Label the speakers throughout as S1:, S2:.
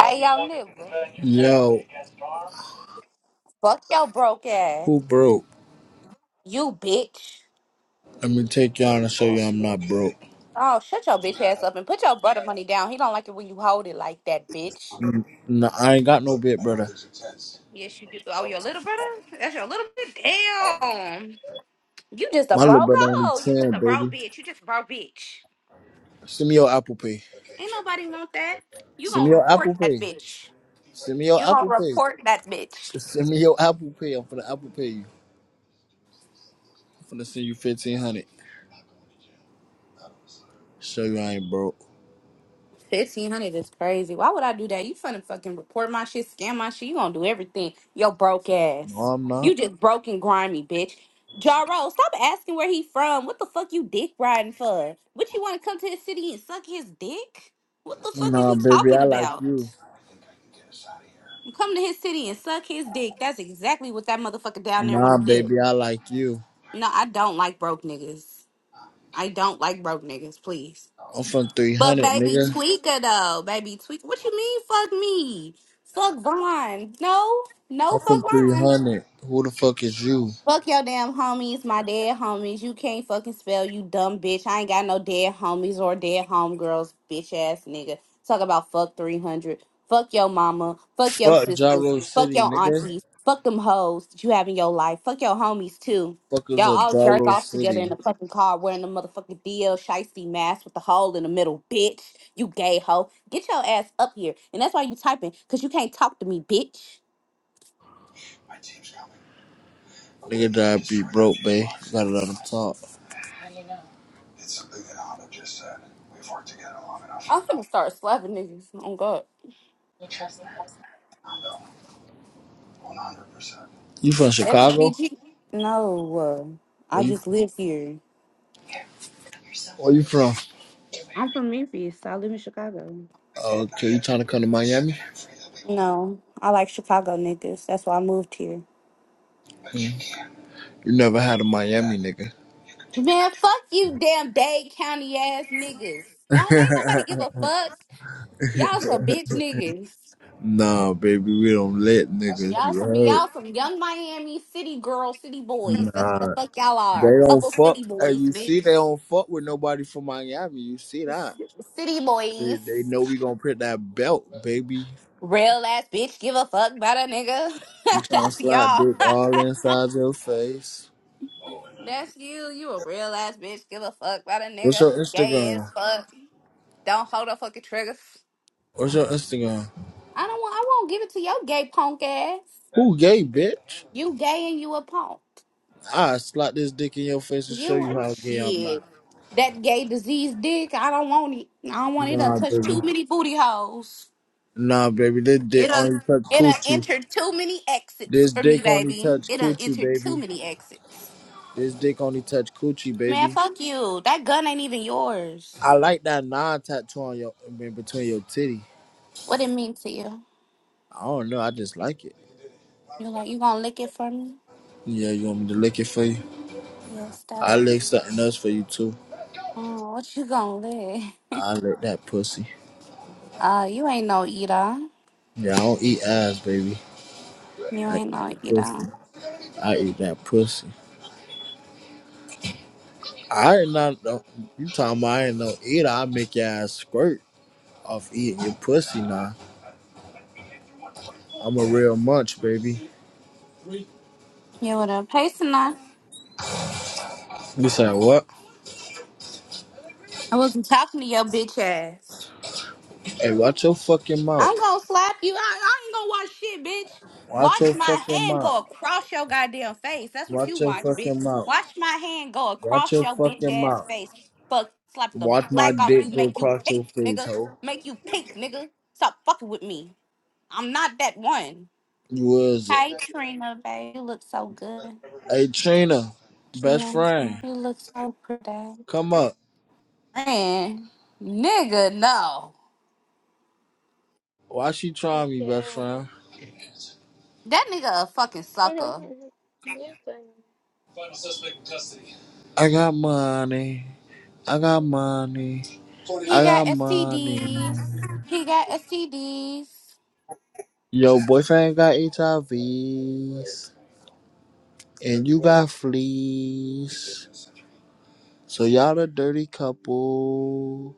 S1: Hey, y'all nigga.
S2: Yo,
S1: Fuck your broke ass.
S2: who broke?
S1: You bitch.
S2: Let me take y'all and show you I'm not broke.
S1: Oh, shut your bitch ass up and put your brother money down. He don't like it when you hold it like that, bitch.
S2: Mm, No, I ain't got no bit, brother.
S1: Yes, you do. Oh, your little brother? That's your little bit. Damn. You just a
S2: My little
S1: broke
S2: brother only
S1: hoe. You just
S2: 10,
S1: a
S2: baby.
S1: broke bitch. You just a broke bitch.
S2: Send me your Apple Pay.
S1: Ain't nobody want that. You
S2: Send me
S1: gonna
S2: your
S1: report
S2: Apple
S1: that
S2: Pay.
S1: bitch.
S2: Send me
S1: You
S2: your
S1: gonna
S2: Apple Pay.
S1: report that bitch.
S2: Send me your Apple Pay. I'm finna Apple Pay you. I'm finna send you 1500 Show you I ain't broke.
S1: Fifteen hundred is crazy. Why would I do that? You finna fucking report my shit, scam my shit. You gonna do everything. Yo, broke
S2: No,
S1: ass.
S2: I'm
S1: You
S2: not.
S1: just broke and grimy, bitch. Jaro, stop asking where he from. What the fuck you dick riding for? What you wanna come to his city and suck his dick? What the fuck is
S2: Nah,
S1: you
S2: baby,
S1: talking
S2: I like
S1: about?
S2: you.
S1: You come to his city and suck his dick. That's exactly what that motherfucker down there
S2: Nah,
S1: wanna do.
S2: baby, I like you.
S1: No, I don't like broke niggas. I don't like broke niggas, please.
S2: I'm from
S1: But
S2: 300,
S1: baby
S2: nigga.
S1: Tweaker though, baby Tweaker, what you mean? Fuck me, fuck Vaughn. No, no,
S2: I'm
S1: fuck
S2: from
S1: Vaughn.
S2: 300. Who the fuck is you?
S1: Fuck your damn homies, my dead homies. You can't fucking spell, you dumb bitch. I ain't got no dead homies or dead homegirls, bitch ass nigga. Talk about fuck 300. Fuck your mama. Fuck your
S2: Fuck
S1: sisters.
S2: Gyro
S1: Fuck
S2: City,
S1: your
S2: nigga.
S1: aunties. Fuck them hoes that you have in your life. Fuck your homies too.
S2: Fuck is
S1: Y'all
S2: a
S1: all jerk
S2: Gyro
S1: off together in
S2: City.
S1: the fucking car wearing the motherfucking DL shiesty mask with the hole in the middle, bitch. You gay hoe. Get your ass up here. And that's why you typing, because you can't talk to me, bitch.
S2: Nigga that be broke, babe. Got it on the talk.
S1: I'm gonna start slapping niggas. Oh, God.
S2: You from Chicago?
S1: FGG? No, uh, I
S2: Where you
S1: just live here.
S2: where you from?
S1: I'm from Memphis. I live in Chicago.
S2: Okay, you trying to come to Miami?
S1: No, I like Chicago niggas. That's why I moved here.
S2: Mm. You never had a Miami nigga.
S1: Man, fuck you, damn Dade County ass niggas. Don't ain't nobody give a fuck. Y'all some bitch niggas.
S2: nah, baby, we don't let niggas,
S1: Y'all
S2: you
S1: some
S2: heard?
S1: y'all some young Miami city girls, city boys. That's what
S2: Nah.
S1: the fuck y'all are.
S2: They don't
S1: Couple
S2: fuck
S1: city
S2: and
S1: boys,
S2: you see they
S1: bitch.
S2: don't fuck with nobody from Miami. You see that.
S1: City
S2: They,
S1: boys.
S2: they know we gonna print that belt, baby.
S1: Real ass bitch, give a fuck about a nigga.
S2: I'm trying to
S1: That's
S2: slide
S1: y'all.
S2: dick all inside your face.
S1: That's you. You a real ass bitch. Give a fuck about a
S2: What's
S1: nigga.
S2: your
S1: Gay as
S2: Instagram?
S1: fuck. Don't hold a fucking trigger.
S2: What's your Instagram?
S1: I don't want. I won't give it to your gay punk ass.
S2: Who gay, bitch?
S1: You gay and you a punk.
S2: I slap this dick in your face and show
S1: You
S2: you
S1: a
S2: how gay I'm not.
S1: shit. That gay disease dick. I don't want it. I don't want it. Done
S2: Nah,
S1: touch too
S2: baby.
S1: many booty holes.
S2: Nah, baby. This
S1: It
S2: dick
S1: done.
S2: only touch
S1: It done
S2: coochie.
S1: entered too many exits
S2: This
S1: for me,
S2: dick only
S1: baby.
S2: touch
S1: It done
S2: coochie,
S1: entered too
S2: baby.
S1: many exits.
S2: This dick only touch coochie,
S1: Man,
S2: baby.
S1: fuck you. That gun ain't even yours.
S2: I like that non tattoo on your in between your titty.
S1: What it mean to you?
S2: I don't know. I just like it.
S1: You're like, you gonna lick it for me?
S2: Yeah, you want me to lick it for you?
S1: Yes,
S2: I
S1: Dada.
S2: lick something else for you too.
S1: Oh, what you gonna live?
S2: I lick that pussy.
S1: Uh, you ain't no eater.
S2: Yeah, I don't eat ass, baby.
S1: You
S2: I eat
S1: ain't
S2: that
S1: no
S2: pussy.
S1: eater.
S2: I eat that pussy. I ain't not no, you talking about I ain't no eater. I make your ass squirt off eating your pussy now. I'm a real munch, baby.
S1: You would a pasted I
S2: You said what?
S1: I wasn't talking to your bitch ass.
S2: Hey, watch your fucking
S1: I'm
S2: mouth.
S1: gonna slap you. I, I ain't gonna watch shit, bitch.
S2: Watch your
S1: Watch my
S2: fucking
S1: hand
S2: mouth.
S1: go across your goddamn face. That's what you
S2: Watch your
S1: watch, bitch.
S2: fucking mouth.
S1: Watch my hand go
S2: Watch
S1: across
S2: your
S1: your bitch
S2: fucking
S1: ass
S2: mouth.
S1: face. Fuck, slap the
S2: Watch my
S1: black off
S2: dick
S1: you.
S2: go
S1: Make you
S2: across your
S1: pink,
S2: face,
S1: nigga.
S2: ho.
S1: Make you pink, nigga. Stop fucking with me. I'm not that one.
S2: You was it?
S1: Hey, Trina, babe. You look so good.
S2: Hey, Trina, best
S1: You
S2: friend,
S1: look so pretty.
S2: come up.
S1: Man, nigga, no.
S2: Why she trying me, best
S3: Yeah.
S2: friend?
S1: That nigga a fucking sucker.
S3: yes, I am.
S2: I got money. I got money.
S1: He
S2: I got
S1: got STDs.
S2: money.
S1: He got STDs.
S2: Your boyfriend got HIV, and you got fleas. So y'all a dirty couple.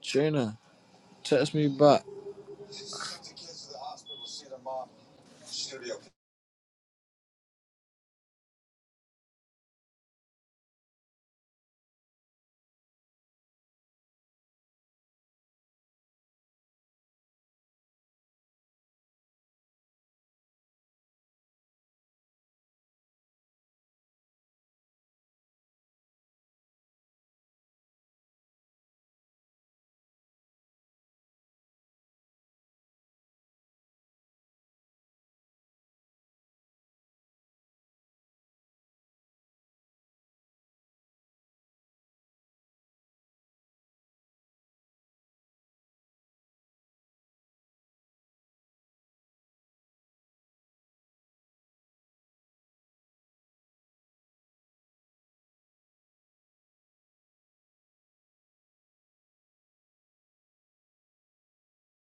S2: Trina, text me back.